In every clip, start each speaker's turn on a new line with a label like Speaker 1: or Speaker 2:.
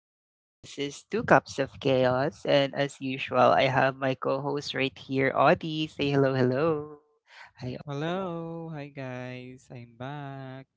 Speaker 1: Once again, this is Two Cups of Chaos, and as usual, I have my co-host right here, Audie. Say hello, hello. Hi.
Speaker 2: Hello, hi guys, I'm back.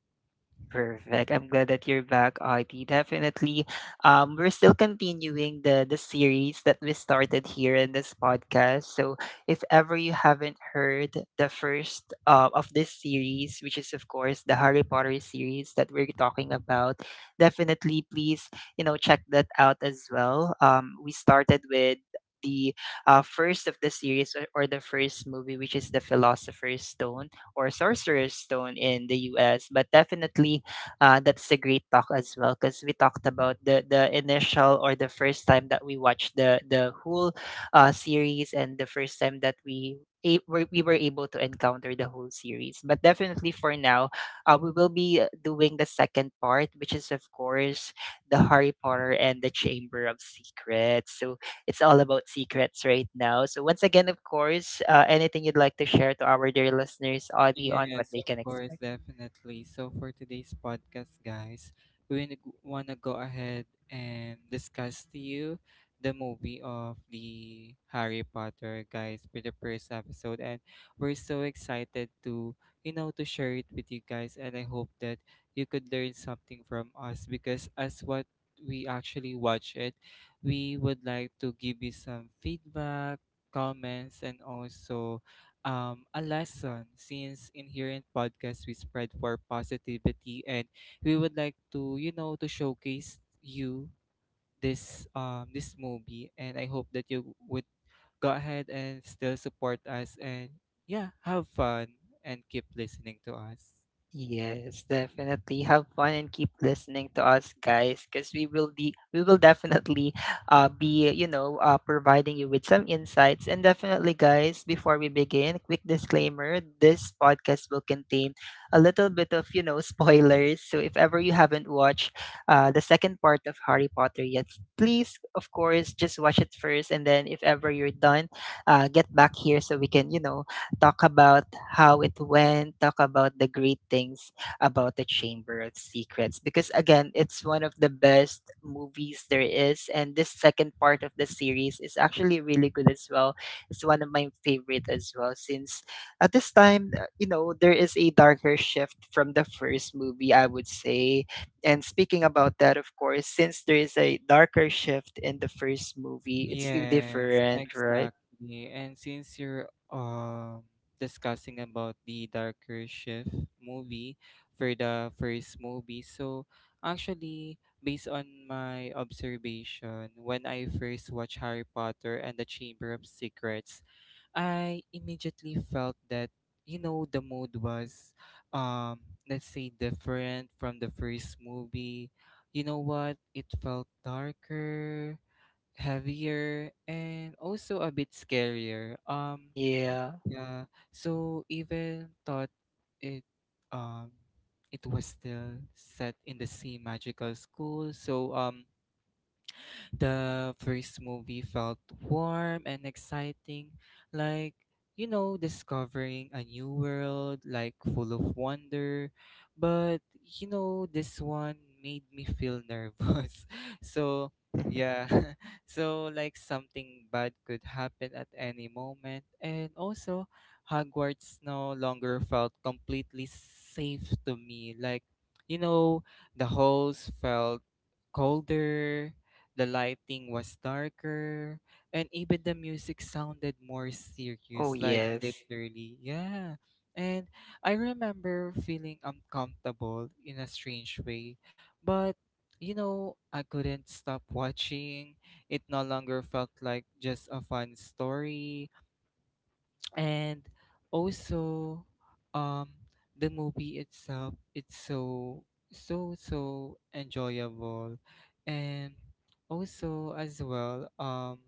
Speaker 1: Perfect. I'm glad that you're back, Audie. Definitely. We're still continuing the series that we started here in this podcast. So if ever you haven't heard the first of this series, which is of course the Harry Potter series that we're talking about, definitely please, you know, check that out as well. We started with the first of the series or the first movie which is the Philosopher's Stone or Sorcerer's Stone in the US. But definitely that's a great talk as well because we talked about the initial or the first time that we watched the whole series and the first time that we we were able to encounter the whole series. But definitely for now, we will be doing the second part, which is of course the Harry Potter and the Chamber of Secrets. So it's all about secrets right now. So once again, of course, anything you'd like to share to our dear listeners, Audie, on what
Speaker 2: Yes,
Speaker 1: they
Speaker 2: of
Speaker 1: can
Speaker 2: course,
Speaker 1: expect.
Speaker 2: definitely. So for today's podcast, guys, we want to go ahead and discuss to you the movie of the Harry Potter, guys, for the first episode, and we're so excited to to share it with you guys, and I hope that you could learn something from us because as what we actually watch it, we would like to give you some feedback, comments, and also a lesson since in here in Podcast we spread for positivity and we would like to, you know, to showcase you this movie, and I hope that you would go ahead and still support us and yeah, have fun and keep listening to us.
Speaker 1: Yes, definitely. Have fun and keep listening to us, guys, because we will definitely be providing you with some insights. And definitely, guys, before we begin, quick disclaimer: this podcast will contain a little bit of spoilers. So if ever you haven't watched the second part of Harry Potter yet, please, of course, just watch it first, and then if ever you're done, get back here so we can talk about how it went, talk about the great things about the Chamber of Secrets. Because again, it's one of the best movies there is. And this second part of the series is actually really good as well. It's one of my favorite as well, since at this time, you know, there is a darker shift from the first movie, I would say. And speaking about that, of course, since there is a darker shift in the first movie, it's
Speaker 2: Yes,
Speaker 1: different, right?
Speaker 2: exactly. And since you're discussing about the Darker Shift movie for the first movie, so actually based on my observation, when I first watched Harry Potter and the Chamber of Secrets, I immediately felt that you know the mood was um let's say different from the first movie. You know what? It felt darker, heavier, and also a bit scarier.
Speaker 1: Yeah.
Speaker 2: Yeah. So even thought it, um, it was still set in the same magical school. So the first movie felt warm and exciting, like, you know, discovering a new world, like full of wonder. But, you know, this one made me feel nervous. So, yeah. So, like, something bad could happen at any moment. And also, Hogwarts no longer felt completely safe to me. Like, you know, the halls felt colder, the lighting was darker, and even the music sounded more
Speaker 1: Oh,
Speaker 2: serious, like
Speaker 1: yes.
Speaker 2: literally, yeah. And I remember feeling uncomfortable in a strange way, but you know, I couldn't stop watching. It no longer felt like just a fun story, and also um the movie itself it's so enjoyable, and also as well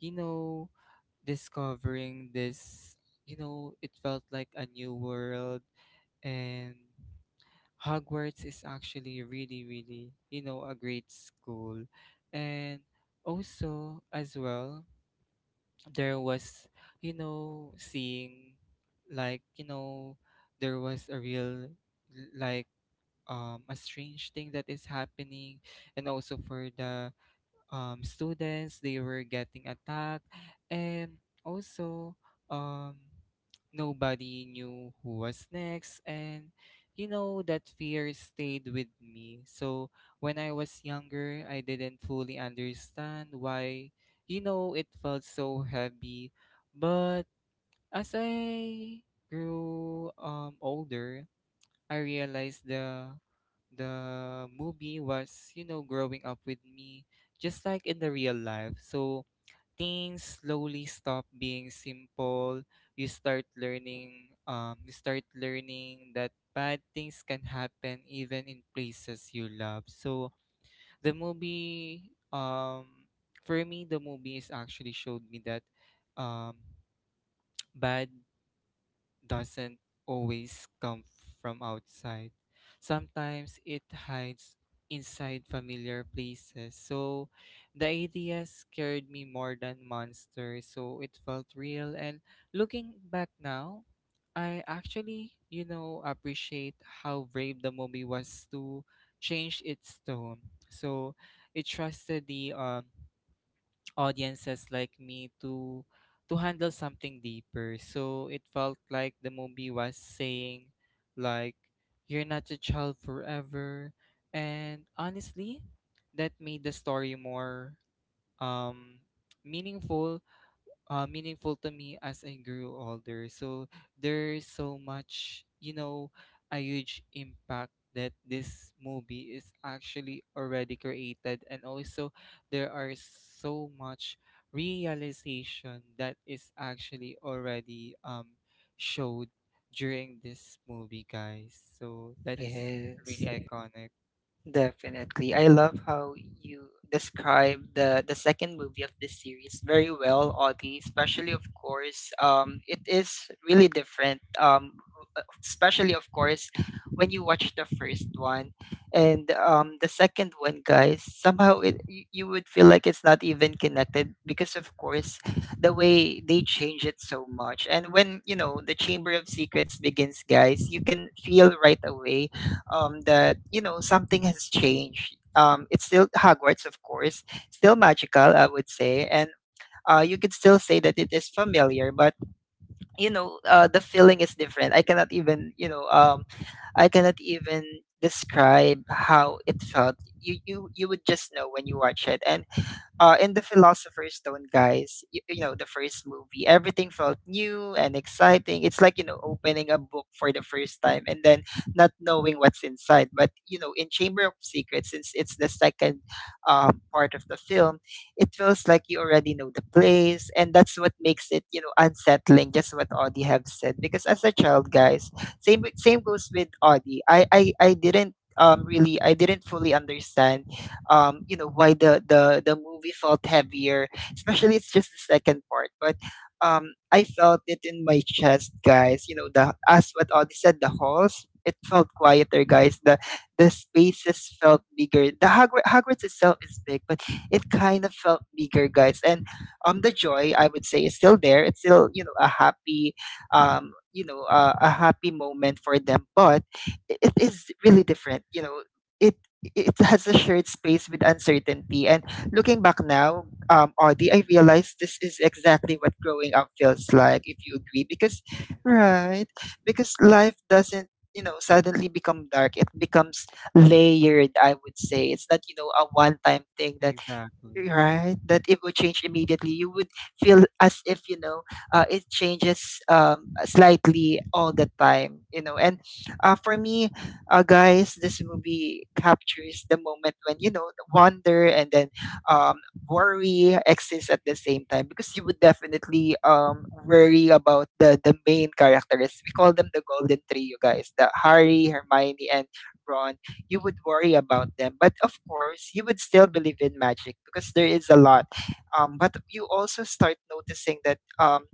Speaker 2: you know discovering this, you know, it felt like a new world, and Hogwarts is actually really, really, you know, a great school. And also, as well, there was you know seeing like you know there was a real like a strange thing that is happening, and also for the students, they were getting attacked, and also um, nobody knew who was next, and you know that fear stayed with me. So when I was younger, I didn't fully understand why, you know, it felt so heavy. But as I grew older, I realized the movie was, you know, growing up with me just like in the real life. So things slowly stop being simple. You start learning that bad things can happen even in places you love. So the movie for me the movie is actually showed me that um bad doesn't always come from outside. Sometimes it hides inside familiar places. So the idea scared me more than monsters, so it felt real. And looking back now, I actually, you know, appreciate how brave the movie was to change its tone. So it trusted the audiences like me to handle something deeper. So it felt like the movie was saying like you're not a child forever. And honestly, that made the story more um meaningful meaningful to me as I grew older. So there's so much, you know, a huge impact that this movie is actually already created, and also there are so much realization that is actually already showed during this movie, guys. So that's really
Speaker 1: Yes,
Speaker 2: iconic.
Speaker 1: definitely. I love how you describe the second movie of this series very well, Audie. Especially, of course, it is really different. Especially, of course, when you watch the first one, and the second one, guys, somehow it you would feel like it's not even connected because, of course, the way they change it so much. And when you know the Chamber of Secrets begins, guys, you can feel right away that you know something has changed. It's still Hogwarts, of course, still magical, I would say, and you could still say that it is familiar, but you know the feeling is different. I cannot even I cannot even describe how it felt. You would just know when you watch it, and in the Philosopher's Stone, guys, you know, the first movie, everything felt new and exciting. It's like, you know, opening a book for the first time and then not knowing what's inside. But, you know, in Chamber of Secrets, since it's the second part of the film, it feels like you already know the place. And that's what makes it, you know, unsettling, just what Audie have said. Because as a child, guys, same goes with Audie. I didn't I didn't fully understand you know, why the movie felt heavier, especially it's just the second part. But I felt it in my chest, guys. You know, the as what Audie said, the halls, it felt quieter, guys. The spaces felt bigger. The Hogwarts itself is big, but it kind of felt bigger, guys. And the joy I would say is still there. It's still a a happy moment for them. But it is really different. You know, it it has a shared space with uncertainty. And looking back now, Audie, I realized this is exactly what growing up feels like, if you agree. Because,
Speaker 2: Yeah,
Speaker 1: right, because life doesn't, you know, suddenly become dark. It becomes layered, I would say. It's not, you know, a one time thing that
Speaker 2: exactly.
Speaker 1: right that it will change immediately. You would feel as if you know it changes slightly all the time, you know. And for me guys, this movie captures the moment when you know the wonder and then um, worry exists at the same time because you would definitely worry about the main characters. We call them the Golden Three, you guys: the Harry, Hermione, and Ron. You would worry about them. But of course, you would still believe in magic because there is a lot. But you also start noticing that um,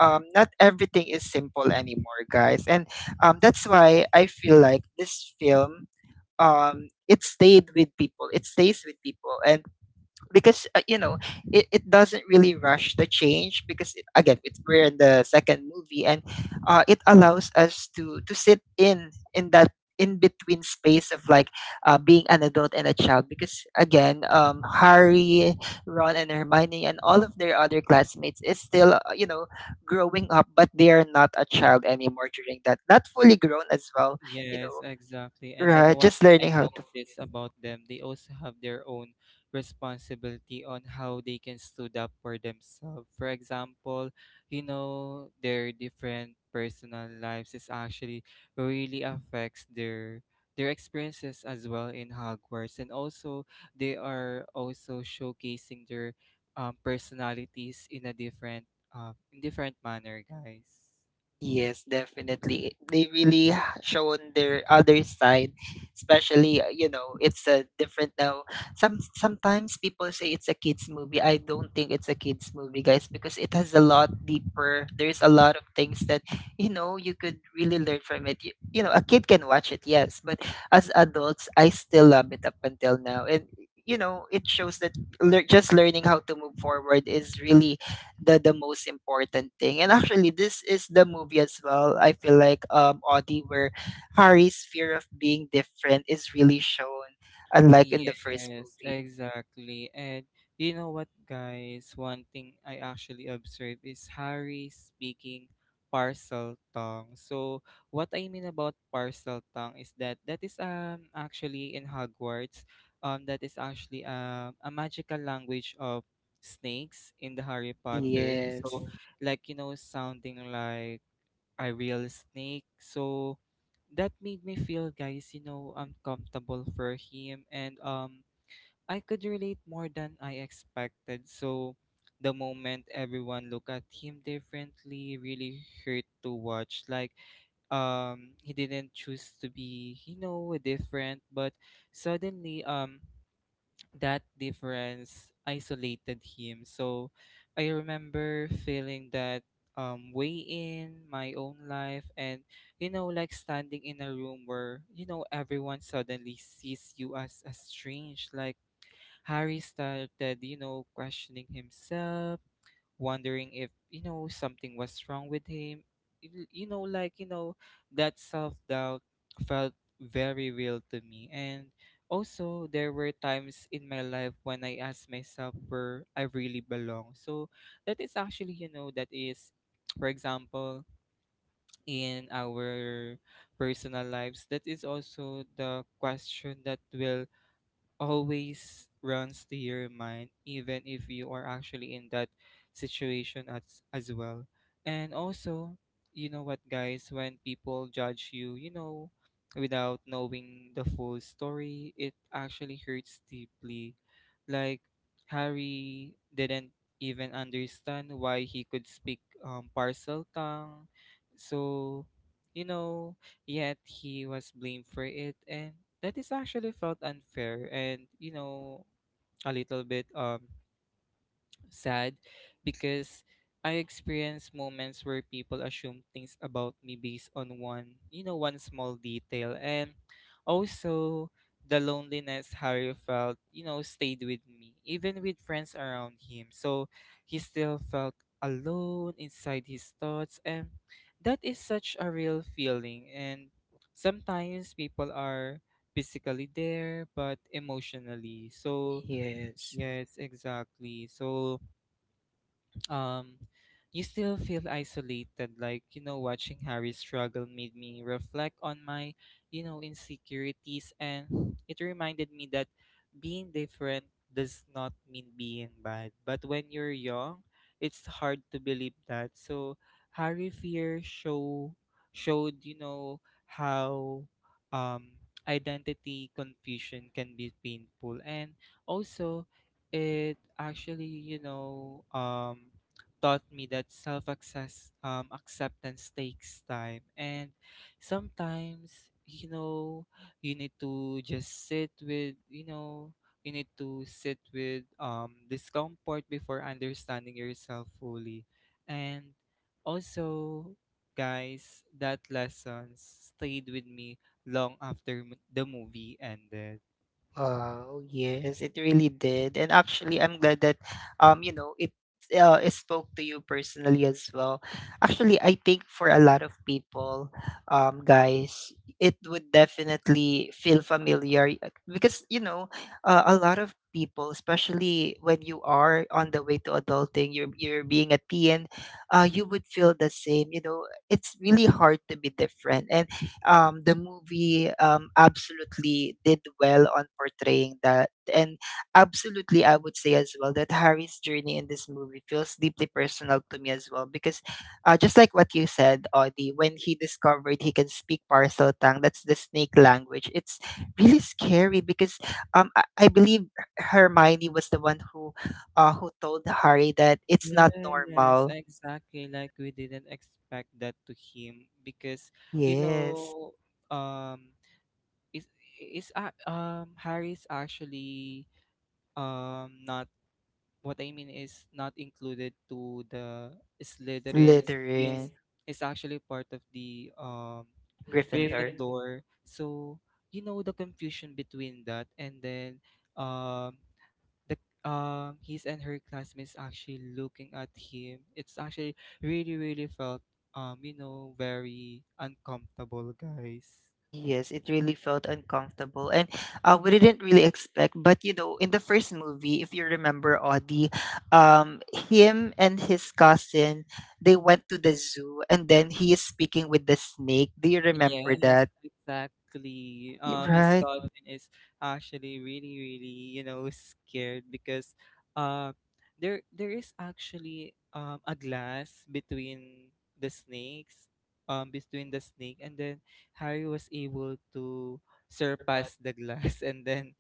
Speaker 1: um, not everything is simple anymore, guys. And that's why I feel like this film, it stayed with people. It stays with people, and because you know it doesn't really rush the change because again it's, we're in the second movie. And it allows us to sit in that in between space of like being an adult and a child. Because again Harry, Ron, and Hermione and all of their other classmates is still you know growing up, but they are not a child anymore during that, not fully grown as well, you
Speaker 2: Yes,
Speaker 1: know,
Speaker 2: exactly. And then
Speaker 1: right,
Speaker 2: one
Speaker 1: just
Speaker 2: thing I
Speaker 1: learning how to.
Speaker 2: notice about them, they also have their own responsibility on how they can stood up for themselves. For example, you know, their different personal lives is actually really affects their experiences as well in Hogwarts. And also they are also showcasing their personalities in different manner, guys.
Speaker 1: Yes, definitely. They really shown their other side, especially you know it's a different now. Sometimes people say it's a kids movie. I don't think it's a kids movie, guys, because it has a lot deeper. There's a lot of things that you know you could really learn from it. You know, a kid can watch it, yes, but as adults, I still love it up until now, and you know it shows that lear just learning how to move forward is really the most important thing. And actually, this is the movie as well. I feel like Audi, where Harry's fear of being different is really shown, unlike in the first
Speaker 2: Yes,
Speaker 1: movie.
Speaker 2: exactly. And you know what, guys? One thing I actually observe is Harry speaking parcel tongue. So, what I mean about parcel tongue is that that is actually in Hogwarts, that is actually a magical language of snakes in the Harry Potter.
Speaker 1: Yes,
Speaker 2: So, like you know, sounding like a real snake. So, that made me feel, guys, you know, uncomfortable for him, and I could relate more than I expected. So the moment everyone looked at him differently really hurt to watch. Like he didn't choose to be, you know, different, but suddenly that difference isolated him. So I remember feeling that way in my own life, and you know like standing in a room where you know everyone suddenly sees you as a strange, like Harry started, you know, questioning himself, wondering if, you know, something was wrong with him. You know, like, you know, that self doubt felt very real to me. And also, there were times in my life when I asked myself where I really belong. So, that is actually, you know, that is, for example, in our personal lives, that is also the question that will always runs to your mind, even if you are actually in that situation as well. And also, you know what, guys, when people judge you, you know, without knowing the full story, it actually hurts deeply. Like Harry didn't even understand why he could speak parcel tongue, so you know yet he was blamed for it, and that is actually felt unfair, and you know a little bit sad, because I experience moments where people assume things about me based on one small detail. And also the loneliness Harry felt, you know, stayed with me, even with friends around him. So he still felt alone inside his thoughts, and that is such a real feeling, and sometimes people are physically there but emotionally. So
Speaker 1: yes.
Speaker 2: yes, exactly. So um you still feel isolated, like you know watching Harry struggle made me reflect on my you know insecurities, and it reminded me that being different does not mean being bad, but when you're young it's hard to believe that. So Harry fear show showed you know how um identity confusion can be painful, and also it actually you know taught me that self access acceptance takes time, and sometimes you know you need to just sit with you know you need to sit with discomfort before understanding yourself fully, and also guys that lessons stayed with me long after the movie ended.
Speaker 1: Wow, yes, it really did. And actually, I'm glad that you know, it spoke to you personally as well. Actually, I think for a lot of people, guys, it would definitely feel familiar because, you know, a lot of people, especially when you are on the way to adulting, you're being a teen, you would feel the same. You know, it's really hard to be different. And the movie absolutely did well on portraying that. And absolutely, I would say as well that Harry's journey in this movie feels deeply personal to me as well because just like what you said, Audie, when he discovered he can speak parcel tongue, that's the snake language, it's really scary because I believe Hermione was the one who told Harry that it's not
Speaker 2: Yes,
Speaker 1: normal.
Speaker 2: exactly. Like we didn't expect that to him because you
Speaker 1: Yes,
Speaker 2: know, um, is is Harry's actually not, what I mean is not included to the Slytherins since
Speaker 1: Slytherin,
Speaker 2: it's actually part of the
Speaker 1: Gryffindor.
Speaker 2: Raven door. So you know the confusion between that, and then um the his and her classmates actually looking at him, it's actually really really felt you know very uncomfortable, guys.
Speaker 1: Yes, it really felt uncomfortable, and we didn't really expect. But you know, in the first movie, if you remember Audie, him and his cousin, they went to the zoo, and then he is speaking with the snake. Do you remember
Speaker 2: Yes,
Speaker 1: that?
Speaker 2: exactly. His
Speaker 1: Right.
Speaker 2: cousin is actually really, really, you know, scared, because uh there is actually a glass between the snakes, between the snake, and then Harry was able to surpass the glass and then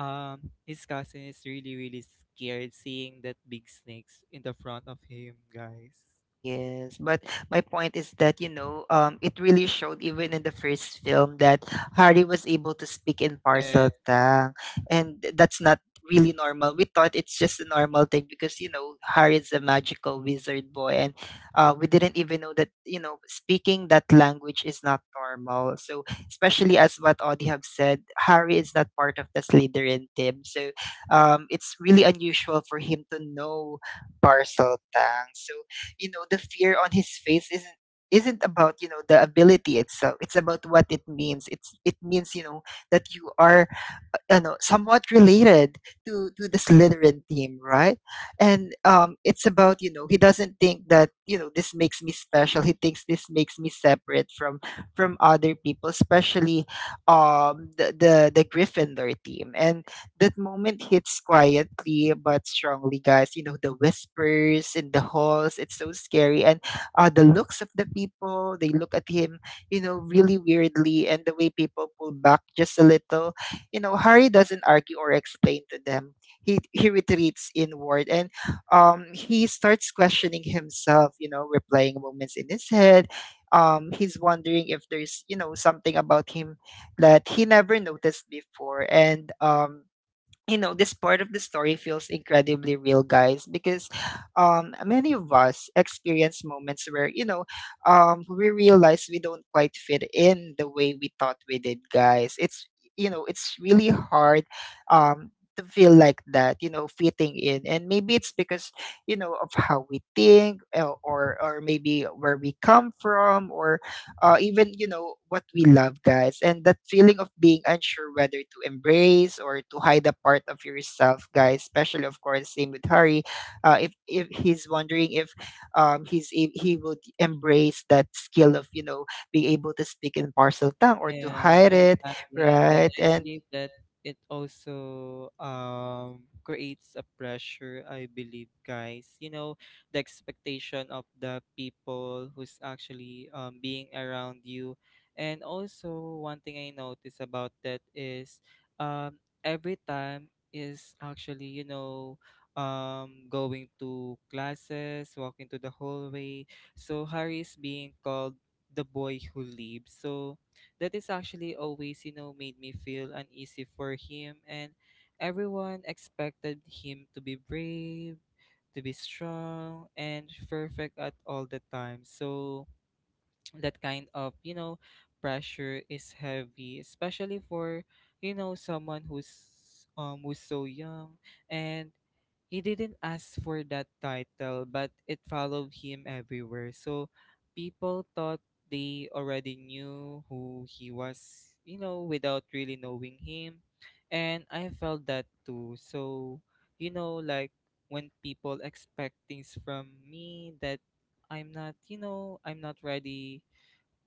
Speaker 2: his cousin is really, really scared seeing that big snakes in the front of him, guys.
Speaker 1: Yes, but my point is that, you know, it really showed even in the first film that Harry was able to speak in
Speaker 2: Yes.
Speaker 1: parcel tongue, and that's not really normal. We thought it's just a normal thing because, you know, Harry is a magical wizard boy, and we didn't even know that, you know, speaking that language is not normal. So, especially as what Audie have said, Harry is not part of the Slytherin team, so it's really unusual for him to know parcel tongue. So you know the fear on his face isn't about you know the ability itself. It's about what it means. It means you know that you are you know somewhat related to the Slytherin team, right? And it's about you know he doesn't think that you know this makes me special. He thinks this makes me separate from other people, especially the Gryffindor team. And that moment hits quietly but strongly, guys. You know, the whispers in the halls, it's so scary. And the looks of the people, they look at him, you know, really weirdly. And the way people pull back just a little. You know, Harry doesn't argue or explain to them. He retreats inward and he starts questioning himself, you know, replaying moments in his head. He's wondering if there's, you know, something about him that he never noticed before. And You know, this part of the story feels incredibly real, guys, because many of us experience moments where, you know, we realize we don't quite fit in the way we thought we did, guys. It's, you know, it's really hard um to feel like that, you know, fitting in. And maybe it's because, you know, of how we think, or maybe where we come from, or even, you know, what we love, guys. And that feeling of being unsure whether to embrace or to hide a part of yourself, guys, especially of course, same with Harry. If he's wondering if he would embrace that skill of, you know, being able to speak in parcel tongue or to
Speaker 2: Yeah,
Speaker 1: hide it,
Speaker 2: exactly. And then
Speaker 1: right?
Speaker 2: I
Speaker 1: And
Speaker 2: believe that it also creates a pressure, I believe, guys. You know, the expectation of the people who's actually being around you. And also one thing I notice about that is every time is actually, you know, going to classes, walking to the hallway. So Harry is being called the boy who leaves. So that is actually always, you know, made me feel uneasy for him. And everyone expected him to be brave, to be strong, and perfect at all the time. So that kind of, you know, pressure is heavy, especially for, you know, someone who's so young, and he didn't ask for that title, but it followed him everywhere. So people thought they already knew who he was, you know, without really knowing him. And I felt that too. So, you know, like when people expect things from me that I'm not, you know,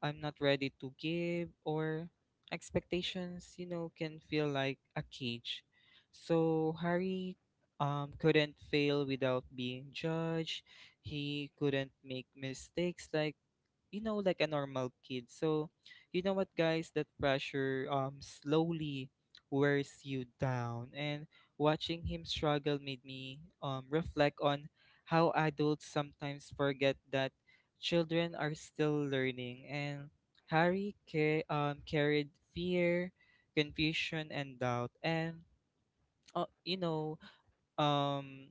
Speaker 2: I'm not ready to give, or expectations, you know, can feel like a cage. So Harry couldn't fail without being judged. He couldn't make mistakes like a normal kid. So you know what guys, that pressure slowly wears you down, and watching him struggle made me reflect on how adults sometimes forget that children are still learning. And carried fear, confusion and doubt, and uh, you know um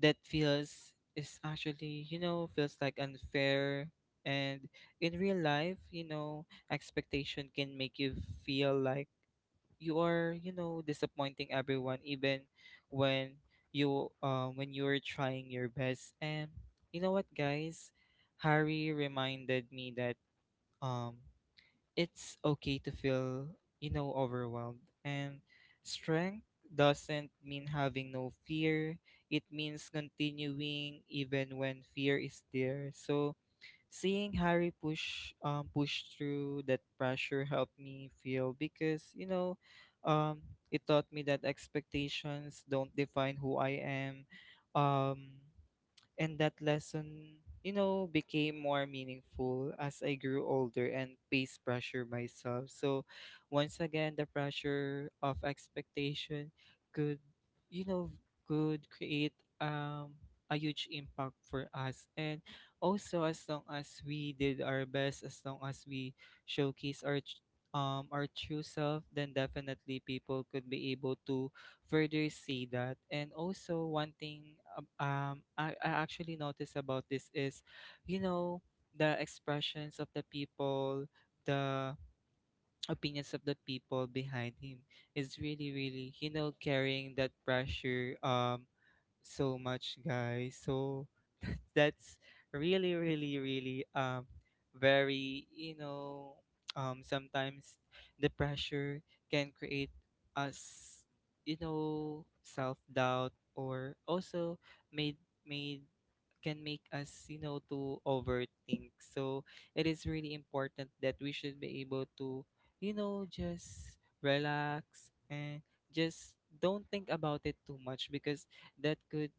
Speaker 2: that feels is actually, you know, feels like unfair. And in real life, you know, expectation can make you feel like you are, you know, disappointing everyone even when you when you're trying your best. And you know what guys, Harry reminded me that um it's okay to feel, you know, overwhelmed. And strength doesn't mean having no fear, it means continuing even when fear is there. So seeing Harry push through that pressure helped me feel because, you know, um it taught me that expectations don't define who I am. Um and that lesson, you know, became more meaningful as I grew older and faced pressure myself. So once again, the pressure of expectation could, you know, could create, um a huge impact for us. And also, as long as we did our best, as long as we showcase our tr- our true self, then definitely people could be able to further see that. And also one thing I actually noticed about this is, you know, the expressions of the people, the opinions of the people behind him is really, really, you know, carrying that pressure so much, guys. So that's really, really, really, very, you know, sometimes the pressure can create us, you know, self doubt, or also made made can make us, you know, to overthink. So it is really important that we should be able to, you know, just relax and just don't think about it too much, because that could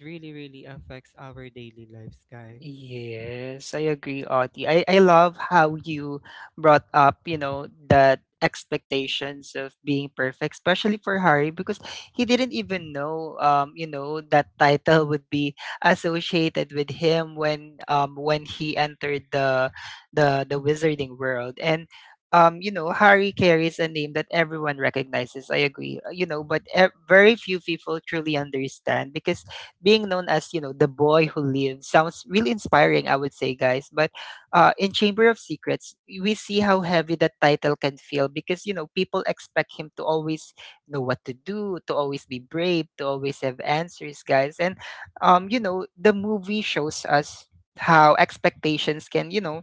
Speaker 2: really, really affects our daily lives, guys.
Speaker 1: yes, I agree, Audie. I love how you brought up, you know, that expectations of being perfect, especially for Harry, because he didn't even know, you know, that title would be associated with him when he entered the, the Wizarding world, and. You know, Harry carries a name that everyone recognizes. I agree. You know, but very few people truly understand, because being known as, you know, the boy who lives sounds really inspiring, I would say, guys. But in Chamber of Secrets, we see how heavy that title can feel, because, you know, people expect him to always know what to do, to always be brave, to always have answers, guys. And, you know, the movie shows us how expectations can, you know,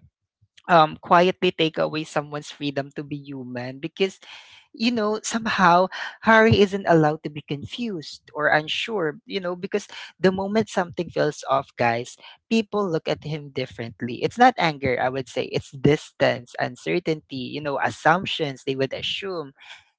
Speaker 1: quietly take away someone's freedom to be human, because, you know, somehow Harry isn't allowed to be confused or unsure, you know, because the moment something feels off, guys, people look at him differently. It's not anger, I would say, it's distance, uncertainty, you know, assumptions they would assume.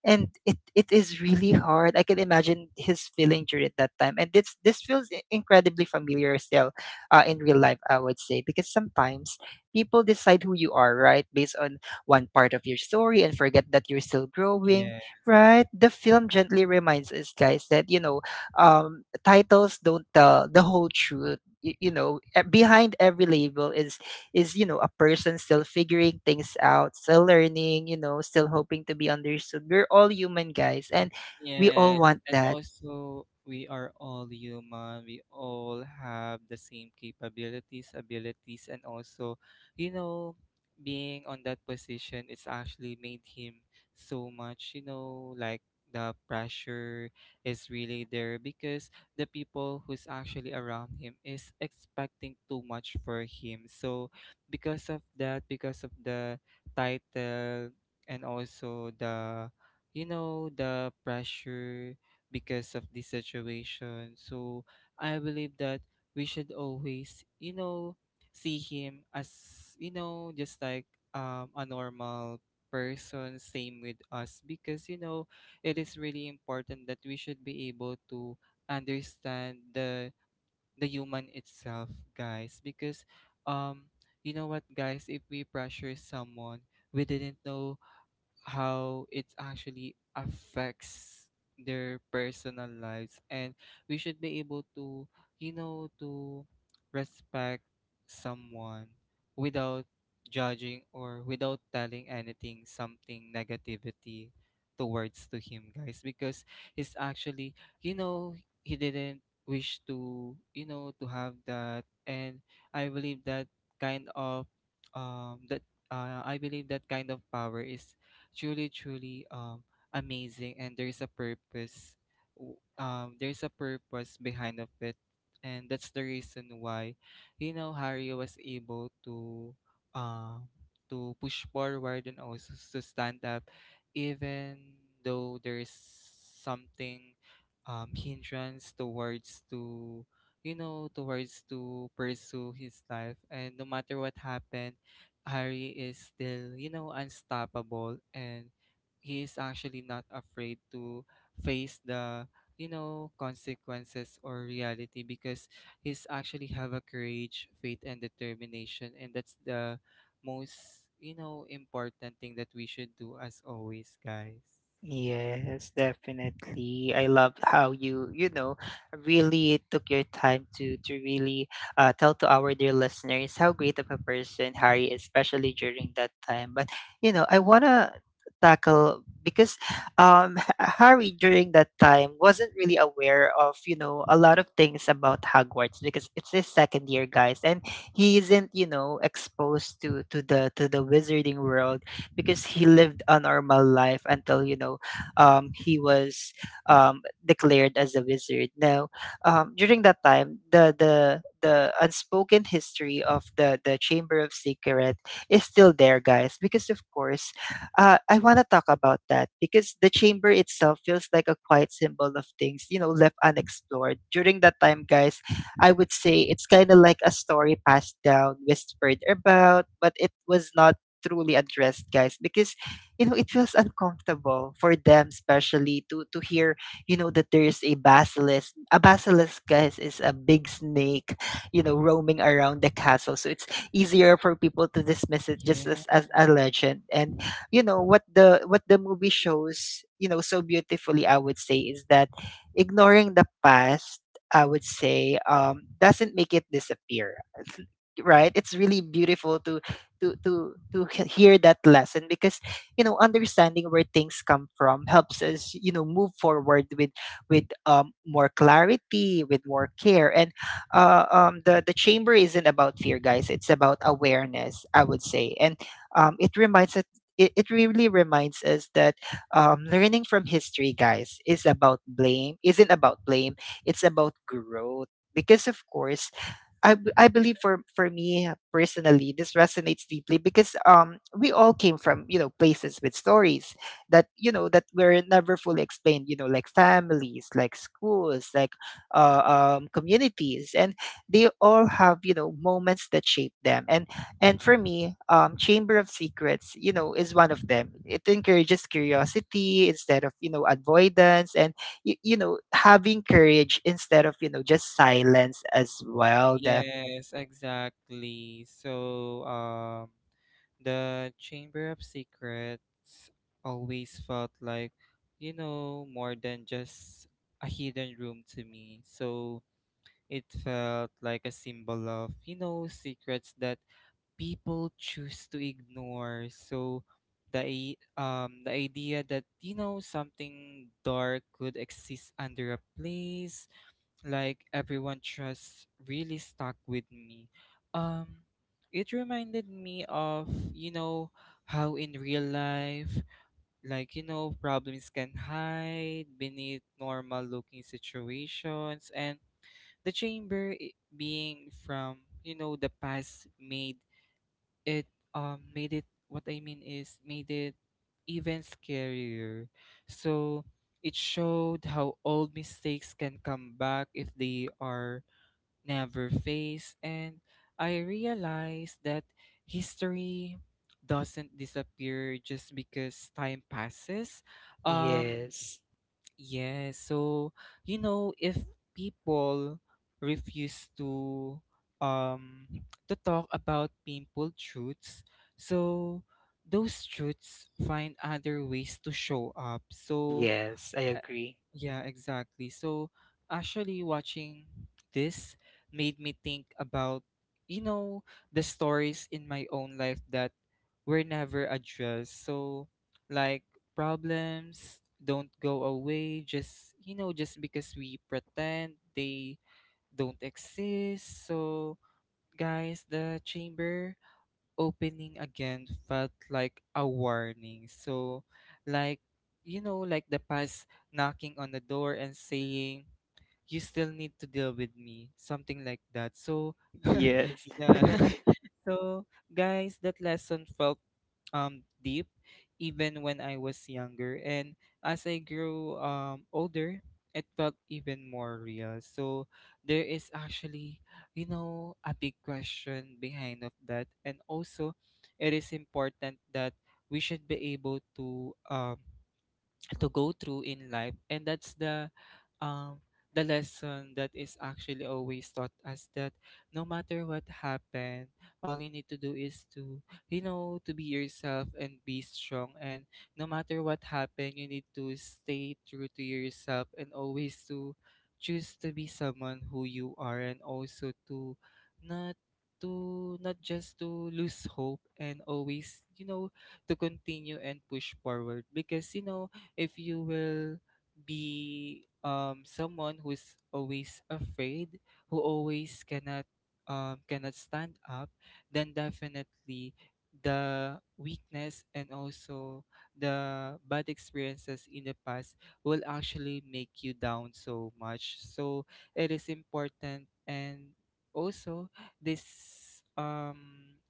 Speaker 1: And it is really hard. I can imagine his feeling during that time. And this feels incredibly familiar still in real life, I would say, because sometimes people decide who you are, right? Based on one part of your story, and forget that you're still growing, right? The film gently reminds us, guys, that, you know, titles don't tell the whole truth. You know, behind every label is you know, a person still figuring things out, still learning, you know, still hoping to be understood. We're all human, guys, and we all
Speaker 2: Yes,
Speaker 1: want
Speaker 2: and
Speaker 1: that.
Speaker 2: also we are all human. We all have the same capabilities, abilities, and also, you know, being on that position, it's actually made him so much, you know, like the pressure is really there because the people who's actually around him is expecting too much for him. So because of that, because of the title and also the, you know, the pressure because of the situation, so I believe that we should always, you know, see him as, you know, just like, a normal person, same with us. Because you know, it is really important that we should be able to understand the human itself, guys. Because um you know what guys, if we pressure someone, we didn't know how it actually affects their personal lives. And we should be able to, you know, to respect someone without judging, or without telling anything something negativity towards to him, guys. Because he's actually, you know, he didn't wish to, you know, to have that. And I believe that kind of that I believe that kind of power is truly, truly, amazing, and there's a purpose. There's a purpose behind of it, and that's the reason why, you know, Harry was able um, to push forward and also to stand up, even though there's something, hindrance towards to, you know, towards to pursue his life. And no matter what happened, Harry is still, you know, unstoppable, and he is actually not afraid to face the, you know, consequences or reality. Because he's actually have a courage, faith and determination, and that's the most, you know, important thing that we should do as always, guys.
Speaker 1: Yes, definitely. I love how you, you know, really took your time to really tell to our dear listeners how great of a person Harry is, especially during that time. But you know, I wanna tackle, because Harry during that time wasn't really aware of, you know, a lot of things about Hogwarts, because it's his second year, guys, and he isn't, you know, exposed to to the wizarding world, because he lived a normal life until, you know, he was declared as a wizard. Now, during that time, the unspoken history of the Chamber of Secret is still there, guys. Because of course, I want to talk about that, because the chamber itself feels like a quiet symbol of things, you know, left unexplored during that time, guys. I would say it's kind of like a story passed down, whispered about, but it was not truly addressed, guys, because, you know, it feels uncomfortable for them, especially to hear, you know, that there is a basilisk. A basilisk, guys, is a big snake, you know, roaming around the castle. So it's easier for people to dismiss it just
Speaker 2: Yeah.
Speaker 1: as a legend. And you know what the movie shows, you know, so beautifully, I would say, is that ignoring the past, I would say, doesn't make it disappear, right? It's really beautiful to hear that lesson, because, you know, understanding where things come from helps us, you know, move forward with more clarity, with more care. And the chamber isn't about fear, guys, it's about awareness, I would say. And it reminds us, it really reminds us that learning from history, guys, is about blame isn't about blame, it's about growth. Because of course, I believe, for me personally, this resonates deeply, because we all came from, you know, places with stories that, you know, that were never fully explained, you know, like families, like schools, like communities. And they all have, you know, moments that shape them. And for me, Chamber of Secrets, you know, is one of them. It encourages curiosity instead of, you know, avoidance, and you know, having courage instead of, you know, just silence as well, definitely.
Speaker 2: Yes, exactly. So, the Chamber of Secrets always felt like, you know, more than just a hidden room to me. So, it felt like a symbol of, you know, secrets that people choose to ignore. So, the idea that, you know, something dark could exist under a place like everyone trusts really stuck with me. Um, it reminded me of, you know, how in real life, like, you know, problems can hide beneath normal looking situations. And being from, you know, the past it, made it, what I mean is, made it even scarier. So, it showed how old mistakes can come back if they are never face. And I realized that history doesn't disappear just because time passes. um
Speaker 1: Yes,
Speaker 2: yeah. So you know, if people refuse to, um to talk about painful truths, so those truths find other ways to show up. So
Speaker 1: yes, I agree.
Speaker 2: yeah, exactly. So actually watching this made me think about, you know, the stories in my own life that were never addressed. So like, problems don't go away just, you know, just because we pretend they don't exist. So guys, the chamber opening again felt like a warning. So, like, you know, like the past knocking on the door and saying, you still need to deal with me, something like that. So
Speaker 1: Yes.
Speaker 2: yeah so guys, that lesson felt deep even when I was younger, and as I grew older, it felt even more real. So there is actually, you know, a big question behind of that. And also it is important that we should be able to go through in life. And that's um the lesson that is actually always taught us that no matter what happened, all you need to do is to, you know, to be yourself and be strong. And no matter what happened, you need to stay true to yourself and always to choose to be someone who you are, and also not to not just to lose hope, and always, you know, to continue and push forward. Because you know, if you will be, someone who is always afraid, who always cannot, cannot stand up, then definitely the weakness and also the bad experiences in the past will actually make you down so much. So it is important. And also this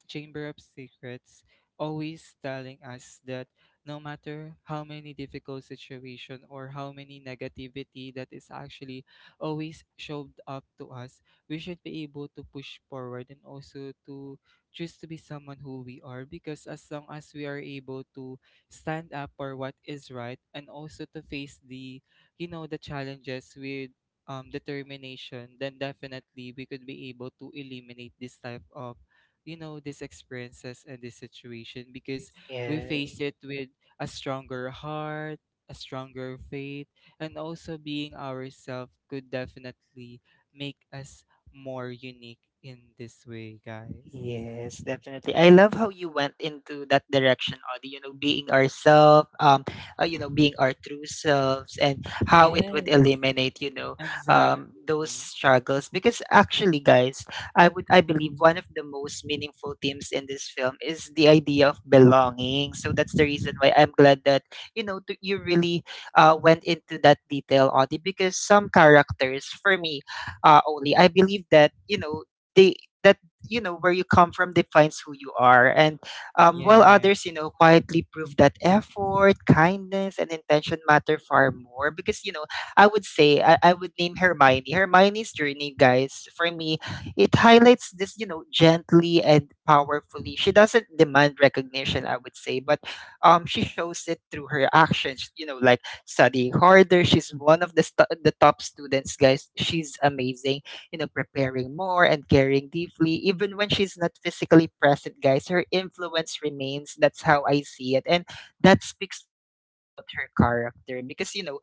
Speaker 2: Chamber of Secrets always telling us that no matter how many difficult situation or how many negativity that is actually always shoved up to us, we should be able to push forward and also to choose to be someone who we are. Because as long as we are able to stand up for what is right, and also to face the, you know, the challenges with, determination, then definitely we could be able to eliminate this type of, you know, these experiences and this situation. Because we face
Speaker 1: Yes.
Speaker 2: it with a stronger heart, a stronger faith, and also being ourselves could definitely make us more unique in this way, guys.
Speaker 1: Yes, definitely. I love how you went into that direction, Audie, you know, being ourselves, you know, being our true selves and how it would
Speaker 2: Yes,
Speaker 1: eliminate, you know, those
Speaker 2: exactly.
Speaker 1: struggles. Because actually, guys, I believe one of the most meaningful themes in this film is the idea of belonging. So that's the reason why I'm glad that, you know, you really went into that detail, Audie. Because some characters, for me, only, I believe that, you know, they, that you know, where you come from defines who you are. And while
Speaker 2: Yeah,
Speaker 1: others, you know, quietly prove that effort, kindness and intention matter far more, because, you know, I would say, I would name hermione's journey, guys, for me, it highlights this, you know, gently and powerfully. She doesn't demand recognition, I would say, but she shows it through her actions, you know, like studying harder. She's one of the, the top students, guys, she's amazing, you know, preparing more and caring deeply. Even when she's not physically present, guys, her influence remains. That's how I see it. And that speaks volumes about her character, because, you know,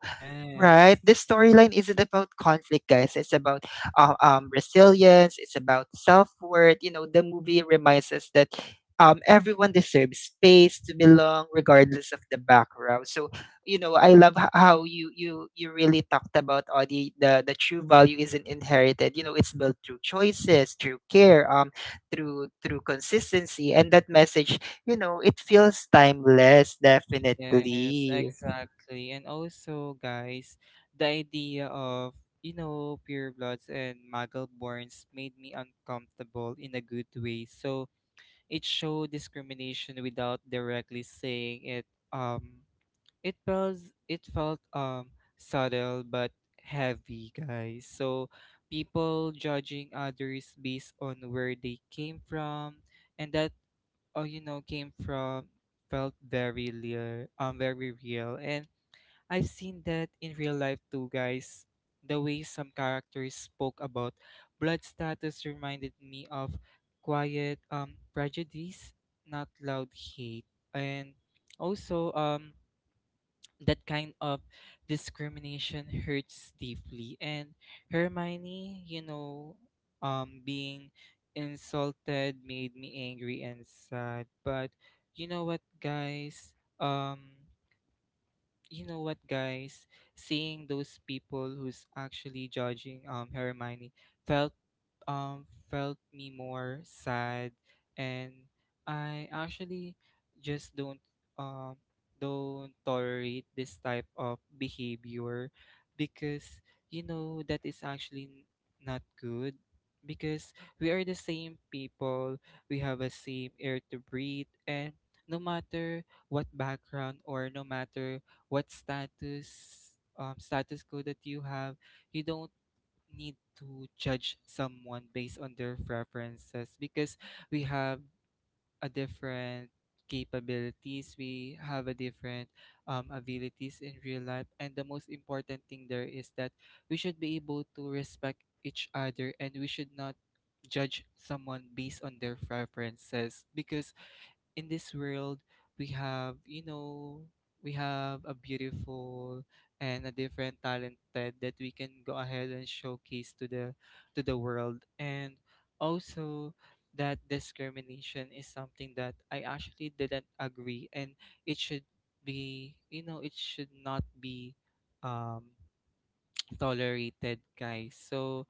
Speaker 1: right.
Speaker 2: yes,
Speaker 1: This storyline isn't about conflict, guys. It's about resilience. It's about self worth. You know, the movie reminds us that everyone deserves space to belong, regardless of the background. So, you know, I love how you really talked about, Audie. The true value isn't inherited. You know, it's built through choices, through care, through consistency. And that message, you know, it feels timeless,
Speaker 2: yes,
Speaker 1: definitely.
Speaker 2: exactly. And also, guys, the idea of, you know, pure bloods and muggle borns made me uncomfortable in a good way. So, it showed discrimination without directly saying it. Um, it felt it felt subtle but heavy, guys. So people judging others based on where they came from, and that you know, came from felt very real, very real. And I've seen that in real life too, guys. The way some characters spoke about blood status reminded me of quiet prejudice, not loud hate. And also that kind of discrimination hurts deeply. And Hermione, you know, being insulted made me angry and sad. But you know what guys? Um you know what guys, seeing those people who's actually judging Hermione felt felt me more sad. And I actually just don't, um don't tolerate this type of behavior, because you know, that is actually not good. Because we are the same people, we have a same air to breathe, and no matter what background, or no matter what status, status quo that you have, you don't need to judge someone based on their preferences. Because we have a different capabilities, we have a different, abilities in real life. And the most important thing there is that we should be able to respect each other, and we should not judge someone based on their preferences. Because in this world, we have, you know, we have a beautiful and a different talented that we can go ahead and showcase to the world. And also, that discrimination is something that I actually didn't agree, and it should be, you know, it should not be, um tolerated, guys. So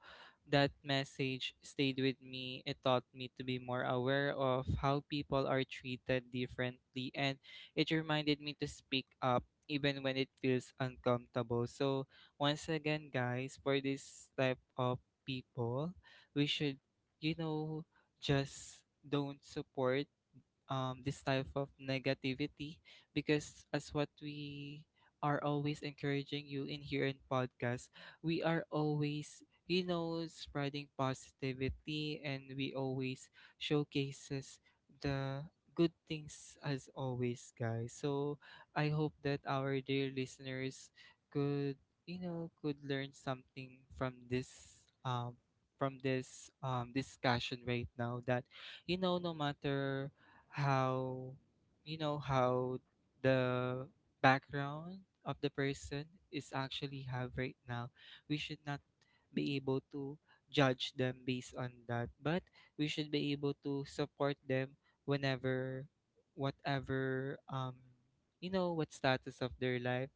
Speaker 2: that message stayed with me. It taught me to be more aware of how people are treated differently, and it reminded me to speak up even when it feels uncomfortable. So, once again, guys, for this type of people, we should, you know, just don't support, this type of negativity. Because as what we are always encouraging you in here in podcast, we are always, you know, spreading positivity, and we always showcases the good things as always, guys. So I hope that our dear listeners could, you know, could learn something from this discussion right now, that you know, no matter how, you know, how the background of the person is actually have right now, we should not be able to judge them based on that, but we should be able to support them whenever, whatever, you know, what status of their life.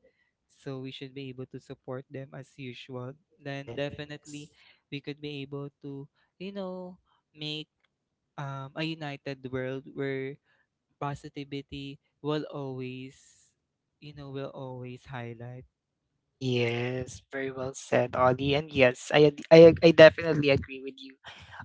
Speaker 2: So we should be able to support them as usual, then definitely
Speaker 1: Yes.
Speaker 2: we could be able to, you know, make, a united world where positivity will always, you know, will always highlight.
Speaker 1: Yes, very well said, Ollie. And yes, I ad- I ag- I definitely agree with you.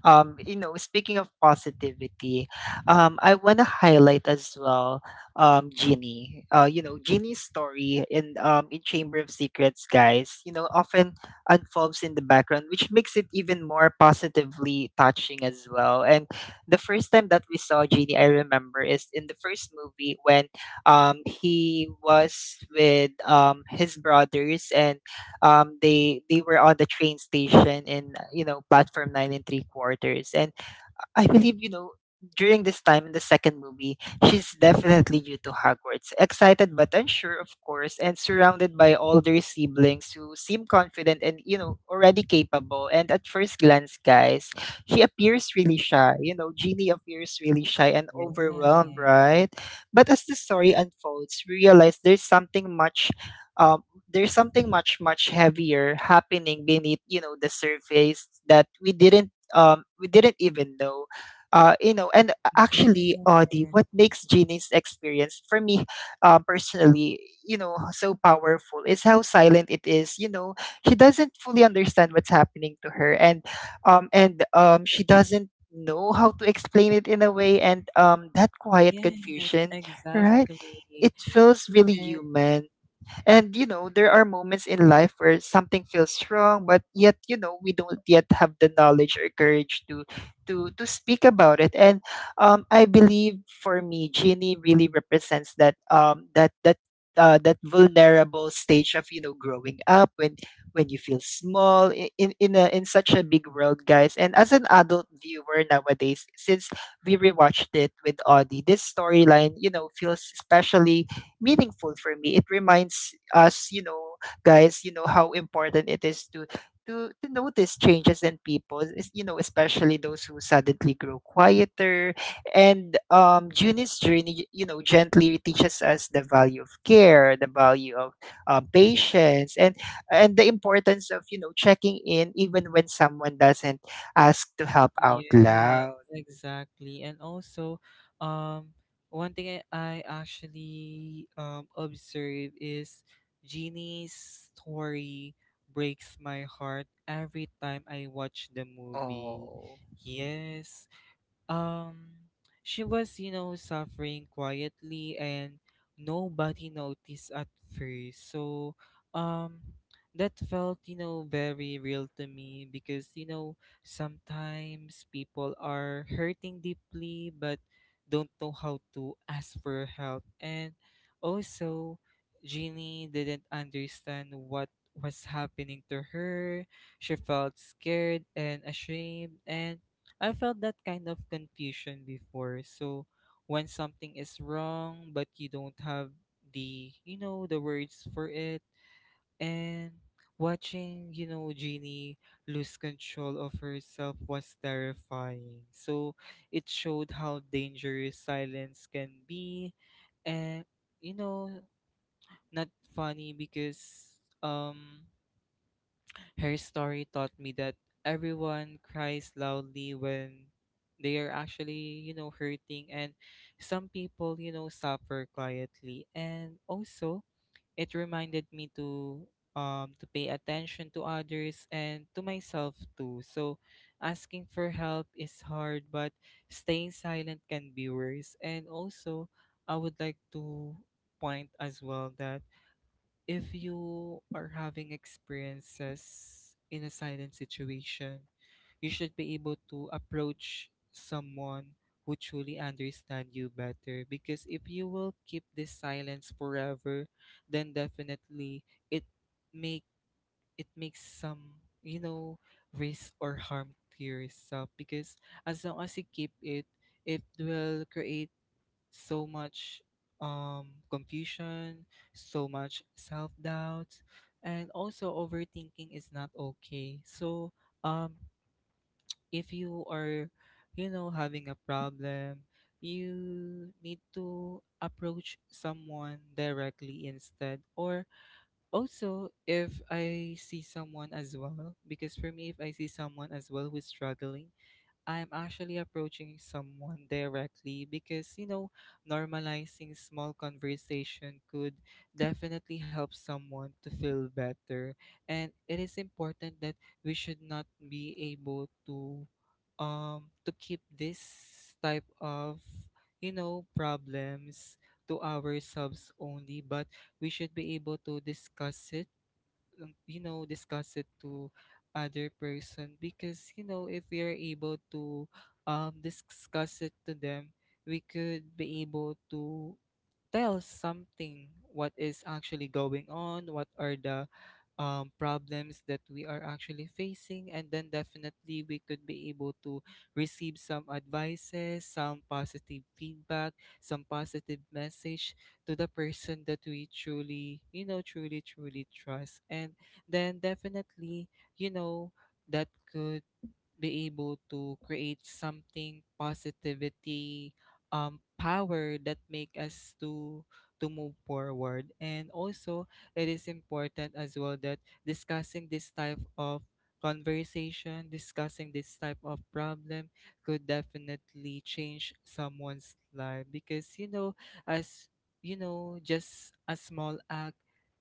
Speaker 1: You know, speaking of positivity, I want to highlight as well, Ginny. You know, Ginny's story in Chamber of Secrets, guys, you know, often unfolds in the background, which makes it even more positively touching as well. And the first time that we saw Ginny, I remember, is in the first movie, when he was with, his brothers, and they were on the train station in, you know, platform nine and three quarters. And I believe, you know, during this time in the second movie, she's definitely new to Hogwarts, excited but unsure, of course, and surrounded by older siblings who seem confident and, you know, already capable. And at first glance, guys, she appears really shy. You know, Ginny appears really shy and overwhelmed,
Speaker 2: Yeah.
Speaker 1: right? But as the story unfolds, we realize there's something much. There's something much, much heavier happening beneath, you know, the surface that we didn't even know, you know. And
Speaker 2: Yes,
Speaker 1: actually, the what makes Jeannie's experience, for me, personally, you know, so powerful is how silent it is. You know, she doesn't fully understand what's happening to her, and she doesn't know how to explain it in a way. And that quiet
Speaker 2: yes,
Speaker 1: confusion, right?
Speaker 2: exactly.
Speaker 1: It feels really
Speaker 2: And
Speaker 1: human. And you know, there are moments in life where something feels wrong, but yet, you know, we don't yet have the knowledge or courage to speak about it. And I believe, for me, Genie really represents that that, that vulnerable stage of, you know, growing up when you feel small in in such a big world, guys. And as an adult viewer nowadays, since we rewatched it with Audie, this storyline, you know, feels especially meaningful for me. It reminds us, you know, guys, you know, how important it is to notice changes in people, you know, especially those who suddenly grow quieter. And Junie's journey, you know, gently teaches us the value of care, the value of patience, and the importance of you know checking in even when someone doesn't ask to help out
Speaker 2: yes,
Speaker 1: loud.
Speaker 2: exactly. And also, um, one thing I actually observe is Jeannie's story breaks my heart every time I watch the movie.
Speaker 1: Oh.
Speaker 2: Yes. Um, she was, suffering quietly and nobody noticed at first. So, um, that felt, very real to me because, you know, sometimes people are hurting deeply but don't know how to ask for help. And also, Jeannie didn't understand what was happening to her. She felt scared and ashamed and I felt that kind of confusion before. So when something is wrong but you don't have the you know the words for it and watching Jeannie lose control of herself was terrifying. So it showed how dangerous silence can be and you know not funny because her story taught me that everyone cries loudly when they are actually, you know, hurting, and some people, you know, suffer quietly. And also, it reminded me to pay attention to others and to myself too. So, asking for help is hard, but staying silent can be worse. And also, I would like to point as well that if you are having experiences in a silent situation, you should be able to approach someone who truly understand you better because if you will keep this silence forever then definitely it make it makes some you know risk or harm to yourself because as long as you keep it it will create so much confusion, so much self doubt, and also overthinking is not okay. So, um, if you are, you know, having a problem, you need to approach someone directly instead. Or also, if I see someone as well, because for me, if I see someone as well who's struggling, I'm actually approaching someone directly because, you know, normalizing small conversation could definitely help someone to feel better. And it is important that we should not be able to keep this type of, you know, problems to ourselves only, but we should be able to discuss it discuss it to other person because you know if we are able to discuss it to them we could be able to tell something what is actually going on, what are the problems that we are actually facing, and then definitely we could be able to receive some advices, some positive feedback, some positive message to the person that we truly, you know, truly trust. And then definitely, you know, that could be able to create something positivity power that make us to move forward and also it is important as well that discussing this type of discussing this type of problem could definitely change someone's life because you know as you know just a small act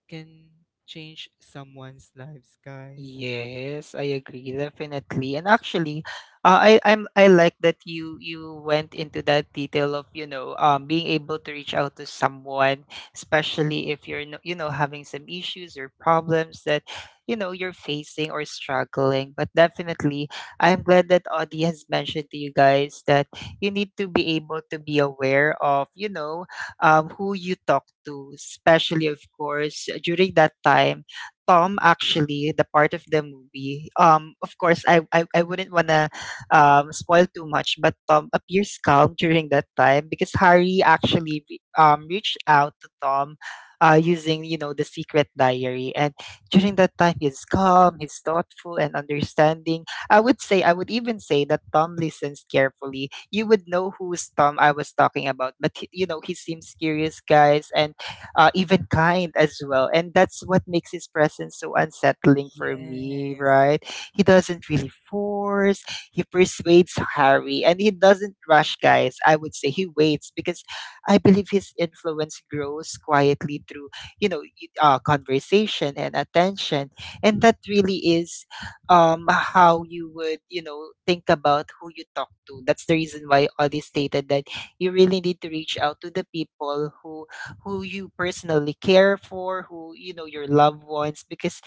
Speaker 2: can change someone's lives guys.
Speaker 1: Yes, I agree definitely. And actually, I like that you went into that detail of you know being able to reach out to someone, especially if you're you know having some issues or problems that you know you're facing or struggling. But definitely, I'm glad that Audie has mentioned to you guys that you need to be able to be aware of you know who you talk to, especially of course during that time Tom actually, the part of the movie. Of course, I wouldn't wanna spoil too much, but Tom appears calm during that time because Harry actually reached out to Tom, using you know the secret diary, and during that time he's calm, he's thoughtful and understanding. I would even say that Tom listens carefully. You would know who's Tom I was talking about, but he, you know he seems curious, guys, and even kind as well. And that's what makes his presence so unsettling for me,
Speaker 2: Yes,
Speaker 1: right? He doesn't really force, he persuades Harry, and he doesn't rush, guys. I would say he waits because I believe his influence grows quietly through, you know, conversation and attention. And that really is how you would, you know, think about who you talk to. That's the reason why Audie stated that you really need to reach out to the people who you personally care for, who you know your loved ones because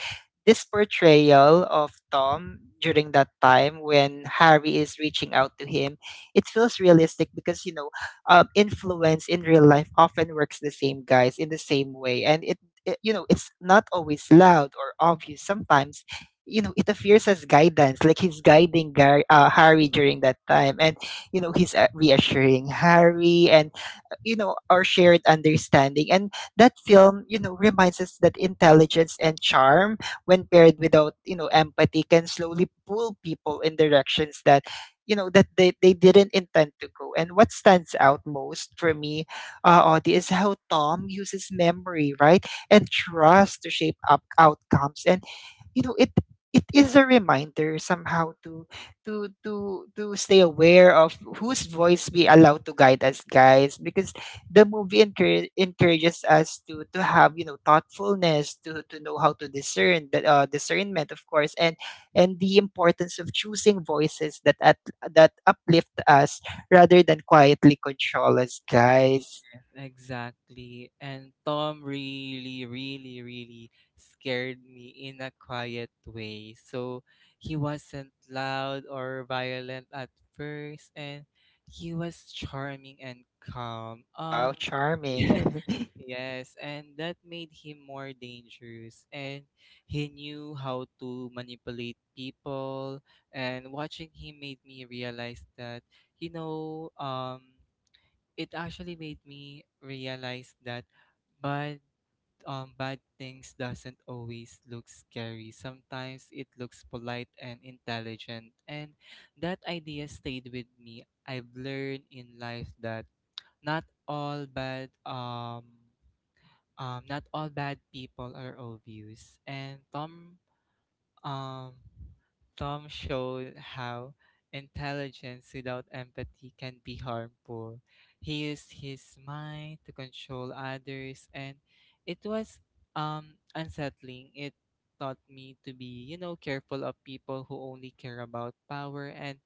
Speaker 1: this portrayal of Tom during that time when Harry is reaching out to him, it feels realistic because, you know, influence in real life often works the same guys in the same way. And it, you know, it's not always loud or obvious. Sometimes, you know, it appears as guidance, like he's guiding Harry during that time. And, you know, he's reassuring Harry and, you know, our shared understanding. And that film, you know, reminds us that intelligence and charm when paired without, you know, empathy can slowly pull people in directions that you know that they didn't intend to go. And what stands out most for me, Audie, is how Tom uses memory, right, and trust to shape up outcomes. And you know it it is a reminder somehow to to stay aware of whose voice we allow to guide us, guys, because the movie encourages us to have you know thoughtfulness, to know how to discern that, discernment of course, and the importance of choosing voices that at, that uplift us rather than quietly control us, guys.
Speaker 2: exactly. And Tom really scared me in a quiet way. So he wasn't loud or violent at first, and he was charming and calm.
Speaker 1: Wow,
Speaker 2: Yeah,
Speaker 1: charming.
Speaker 2: yes, and that made him more dangerous. And he knew how to manipulate people. And watching him made me realize that, you know, it actually made me realize that bad bad things doesn't always look scary. Sometimes it looks polite and intelligent. And that idea stayed with me. I've learned in life that not all bad not all bad people are obvious. And um, Tom showed how intelligence without empathy can be harmful. He used his mind to control others, and it was unsettling. It taught me to be, you know, careful of people who only care about power and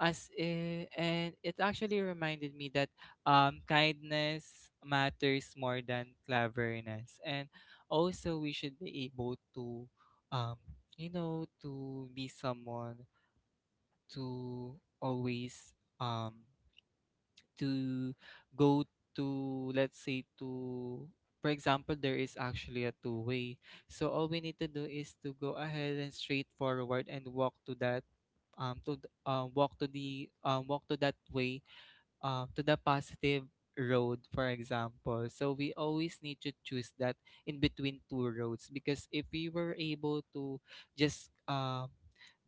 Speaker 2: and it actually reminded me that kindness matters more than cleverness, and also we should be able to, um, you know, to be someone to always um to go to let's say to for example there is actually a two way so all we need to do is to go ahead and straight forward and walk to that to th- walk to the walk to that way, to the positive road, for example. So we always need to choose that in between two roads because if we were able to just um,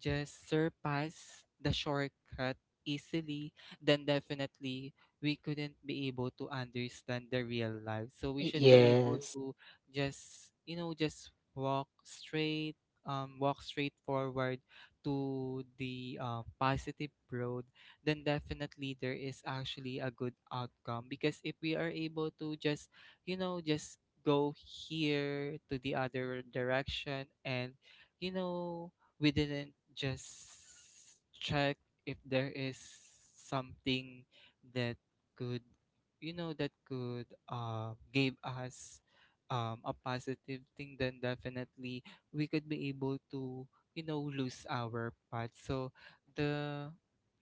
Speaker 2: just surpass the shortcut easily, then definitely we couldn't be able to understand the real life. So we should be able
Speaker 1: Yes.
Speaker 2: to just, you know, just walk straight forward to the positive road then definitely there is actually a good outcome because if we are able to just you know just go here to the other direction and you know we didn't just check if there is something that could you know that could give us, a positive thing then definitely we could be able to you know lose our path so the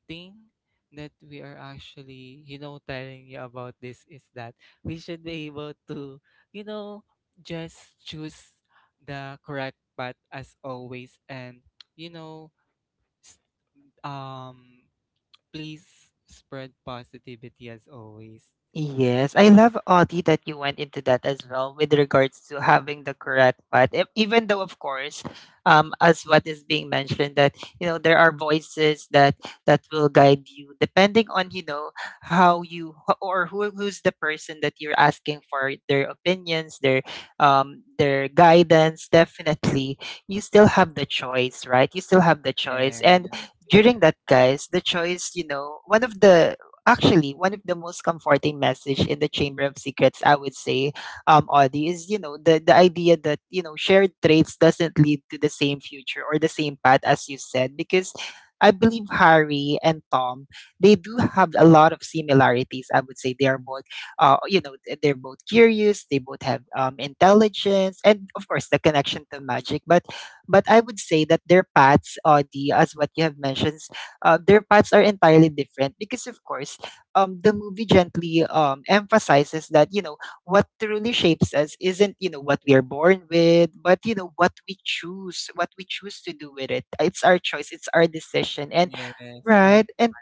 Speaker 2: thing that we are actually, you know, telling you about this is that we should be able to, you know, just choose the correct path as always and, you know, s- um please spread positivity as always.
Speaker 1: Yes, I love, Audie, that you went into that as well with regards to having the correct path. Even though, of course, as what is being mentioned, that you know there are voices that that will guide you depending on you know how you or who who's the person that you're asking for their opinions, their guidance. Definitely, you still have the choice, right? You still have the choice, and
Speaker 2: And
Speaker 1: during that, guys, the choice, you know, one of the actually, one of the most comforting message in the Chamber of Secrets, I would say, Audie, is you know the idea that you know shared traits doesn't lead to the same future or the same path as you said, because I believe Harry and Tom they do have a lot of similarities. I would say they are both, you know, they're both curious, they both have intelligence, and of course the connection to magic. But I would say that their paths, Audie, as what you have mentioned, their paths are entirely different, because of course the movie gently emphasizes that you know what truly shapes us isn't you know what we are born with, but you know what we choose to do with it. It's our choice. It's our decision. And
Speaker 2: yes, I
Speaker 1: right. And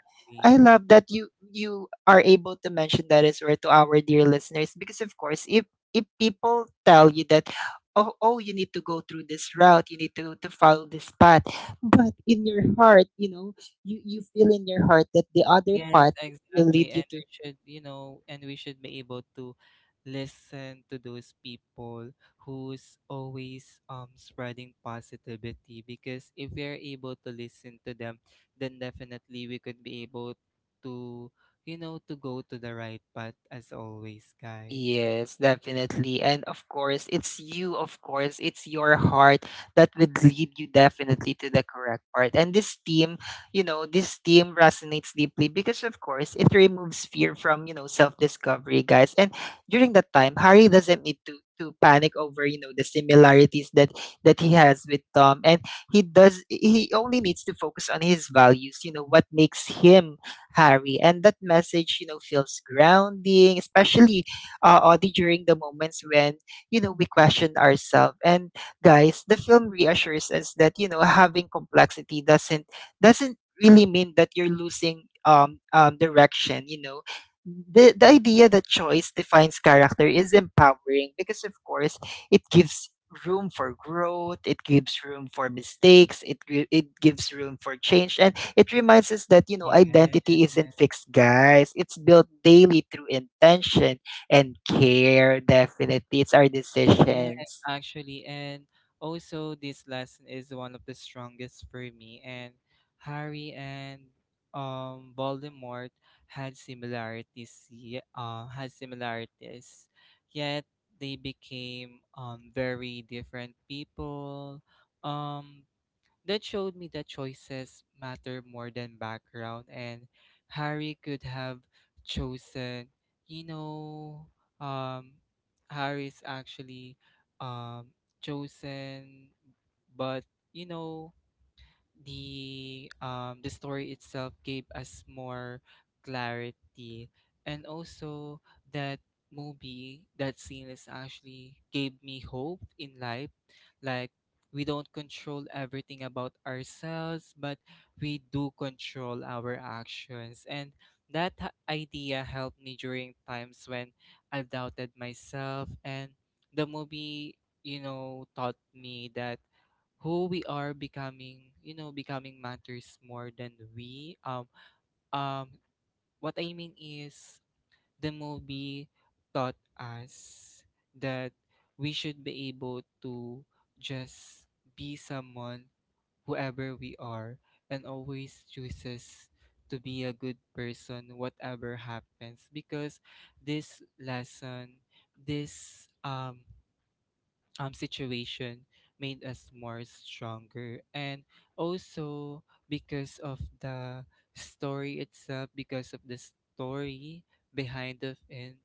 Speaker 1: I
Speaker 2: agree.
Speaker 1: love that you are able to mention that as well to our dear listeners, because of course if people tell you that oh oh you need to go through this route, you need to follow this path, but in your heart you know you you feel in your heart that the other
Speaker 2: Yes,
Speaker 1: path will
Speaker 2: exactly.
Speaker 1: lead you
Speaker 2: And
Speaker 1: to...
Speaker 2: we should, you know, and we should be able to listen to those people who's always spreading positivity because if we are able to listen to them, then definitely we could be able to, you know, to go to the right path as always, guys.
Speaker 1: Yes, definitely. And of course, it's you, of course, it's your heart that would lead you definitely to the correct part. And this team, you know, this team resonates deeply because, of course, it removes fear from, you know, self discovery, guys. And during that time, Harry doesn't need to panic over you know the similarities that that he has with Tom. And he does, he only needs to focus on his values, you know what makes him Harry. And that message you know feels grounding, especially Audie, during the moments when, you know, we question ourselves. And guys, the film reassures us that, you know, having complexity doesn't really mean that you're losing direction, you know. The idea that choice defines character is empowering, because of course it gives room for growth, it gives room for mistakes, it it gives room for change, and it reminds us that you know
Speaker 2: Yeah.
Speaker 1: identity isn't fixed, guys, it's built daily through intention and care. Definitely, it's our
Speaker 2: Yes,
Speaker 1: decisions.
Speaker 2: actually, and also this lesson is one of the strongest for me. And Harry and Voldemort had similarities. Yet they became very different people. Um, that showed me that choices matter more than background, and Harry could have chosen, you know, um, Harry's actually, um, chosen, but you know, the story itself gave us more clarity and also that that scene is actually gave me hope in life like we don't control everything about ourselves but we do control our actions and idea helped me during times when I doubted myself and the movie you know taught me that who we are becoming you know becoming matters more than we um what I mean is the movie taught us that we should be able to just be someone whoever we are and always chooses to be a good person whatever happens because this lesson this situation made us more stronger and also because of the story itself because of the story behind of it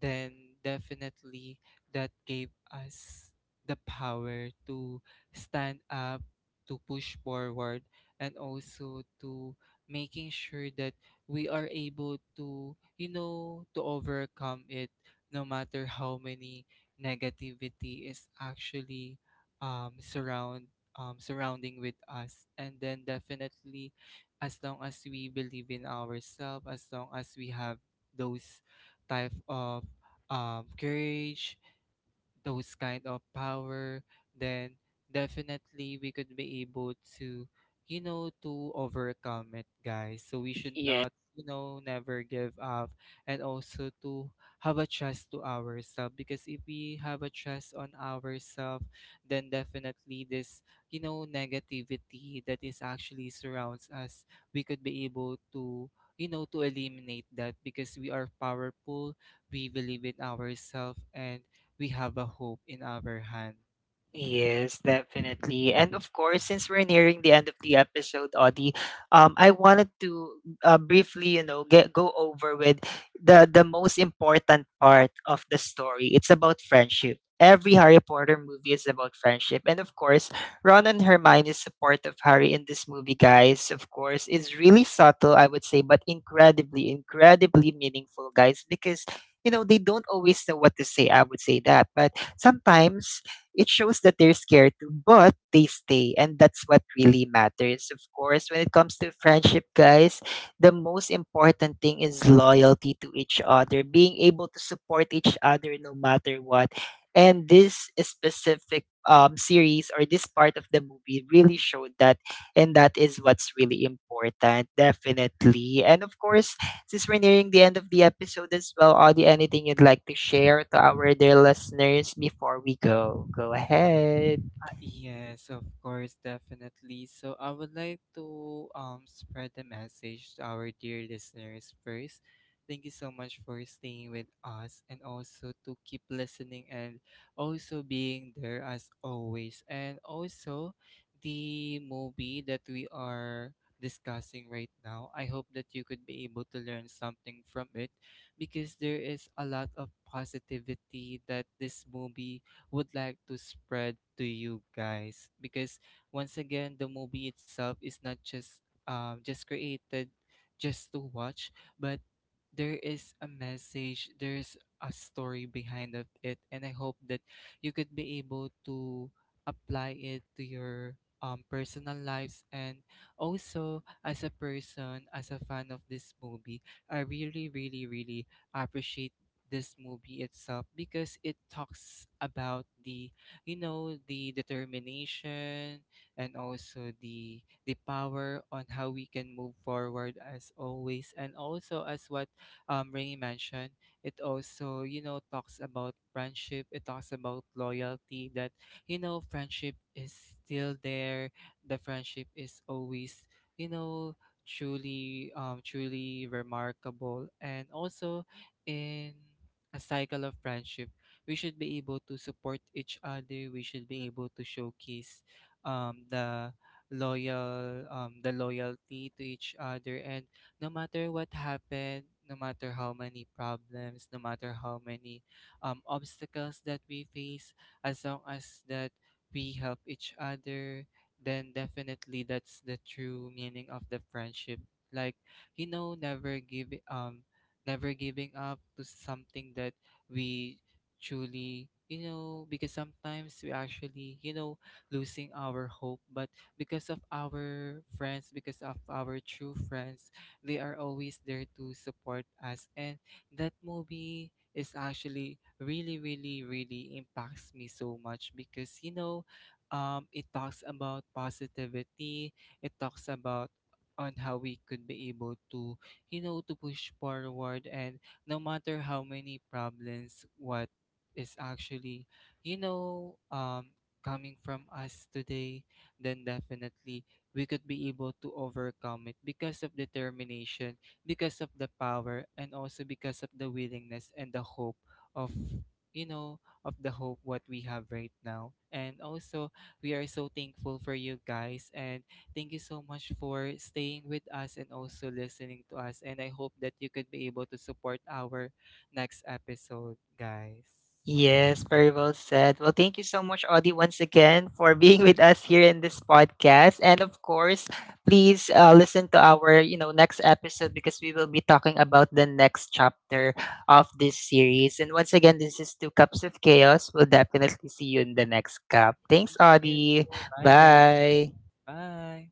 Speaker 2: then definitely that gave us the power to stand up to push forward and also to making sure that we are able to you know to overcome it no matter how many negativity is actually um, surround surrounding with us and then definitely as long as we believe in ourselves as long as we have those type of, courage those kind of power, then definitely we could be able to, you know, to overcome it, guys. So we should not, you know, never give up and also to have a trust to ourselves because if we have a trust on ourselves, then definitely this, you know, negativity that is actually surrounds us, we could be able to you know to eliminate that because we are powerful we believe in ourselves and we have a hope in our hand.
Speaker 1: Yes, definitely. And of course, since we're nearing the end of the episode, Audie, I wanted to briefly, you know, get go over with the most important part of the story. It's about friendship. Every Harry Potter movie is about friendship. And of course, Ron and Hermione's support of Harry in this movie, guys, of course, is really subtle, I would say, but incredibly, incredibly meaningful, guys, because you know, they don't always know what to say. I would say that. But sometimes it shows that they're scared too, but they stay. And that's what really matters. Of course, when it comes to friendship, guys, the most important thing is loyalty to each other, being able to support each other no matter what. And this specific series, or this part of the movie really showed that, and that is what's really important, definitely. And of course, since we're nearing the end of the episode as well, Audie, anything you'd like to share to our dear listeners before we go? Go ahead.
Speaker 2: Yes, of course, definitely. So I would like to spread the message to our dear listeners first. Thank you so much for staying with us and also to keep listening and also being there as always. And also the movie that we are discussing right now. I hope that you could be able to learn something from it because there is a lot of positivity that this movie would like to spread to you guys because once again the movie itself is not just just created just to watch but there is a message there's a story behind of it and I hope that you could be able to apply it to your, personal lives and also as a person as a fan of this movie I really appreciate this movie itself because it talks about the you know the determination and also the power on how we can move forward as always and also as what Rainy mentioned it also you know talks about friendship it talks about loyalty that you know friendship is still there the friendship is always you know truly remarkable and also in a cycle of friendship. We should be able to support each other. We should be able to showcase, um, the the loyalty to each other. And no matter what happened, no matter how many problems, no matter how many, obstacles that we face, as long as that we help each other, then definitely that's the true meaning of the friendship. Like you know, never giving up to something that we truly you know because sometimes we actually you know losing our hope but because of our friends because of our true friends they are always there to support us and that movie is actually really impacts me so much because you know it talks about positivity it talks about on how we could be able to you know, to push forward. And no matter how many problems, what is actually, you know, coming from us today, then definitely we could be able to overcome it because of determination, because of the power, and also because of the willingness and the hope of, you know, of the hope what we have right now. And also, we are so thankful for you guys and thank you so much for staying with us and also listening to us. And I hope that you could be able to support our next episode, guys.
Speaker 1: Yes, very well said. Well, thank you so much, Audie, once again for being with us here in this podcast. And of course, please listen to our you know next episode, because we will be talking about the next chapter of this series. And once again, this is Two Cups of Chaos. We'll definitely see you in the next cup. Thanks,
Speaker 2: Thank you.
Speaker 1: Audie.
Speaker 2: Bye, guys.
Speaker 1: Bye.
Speaker 2: Bye.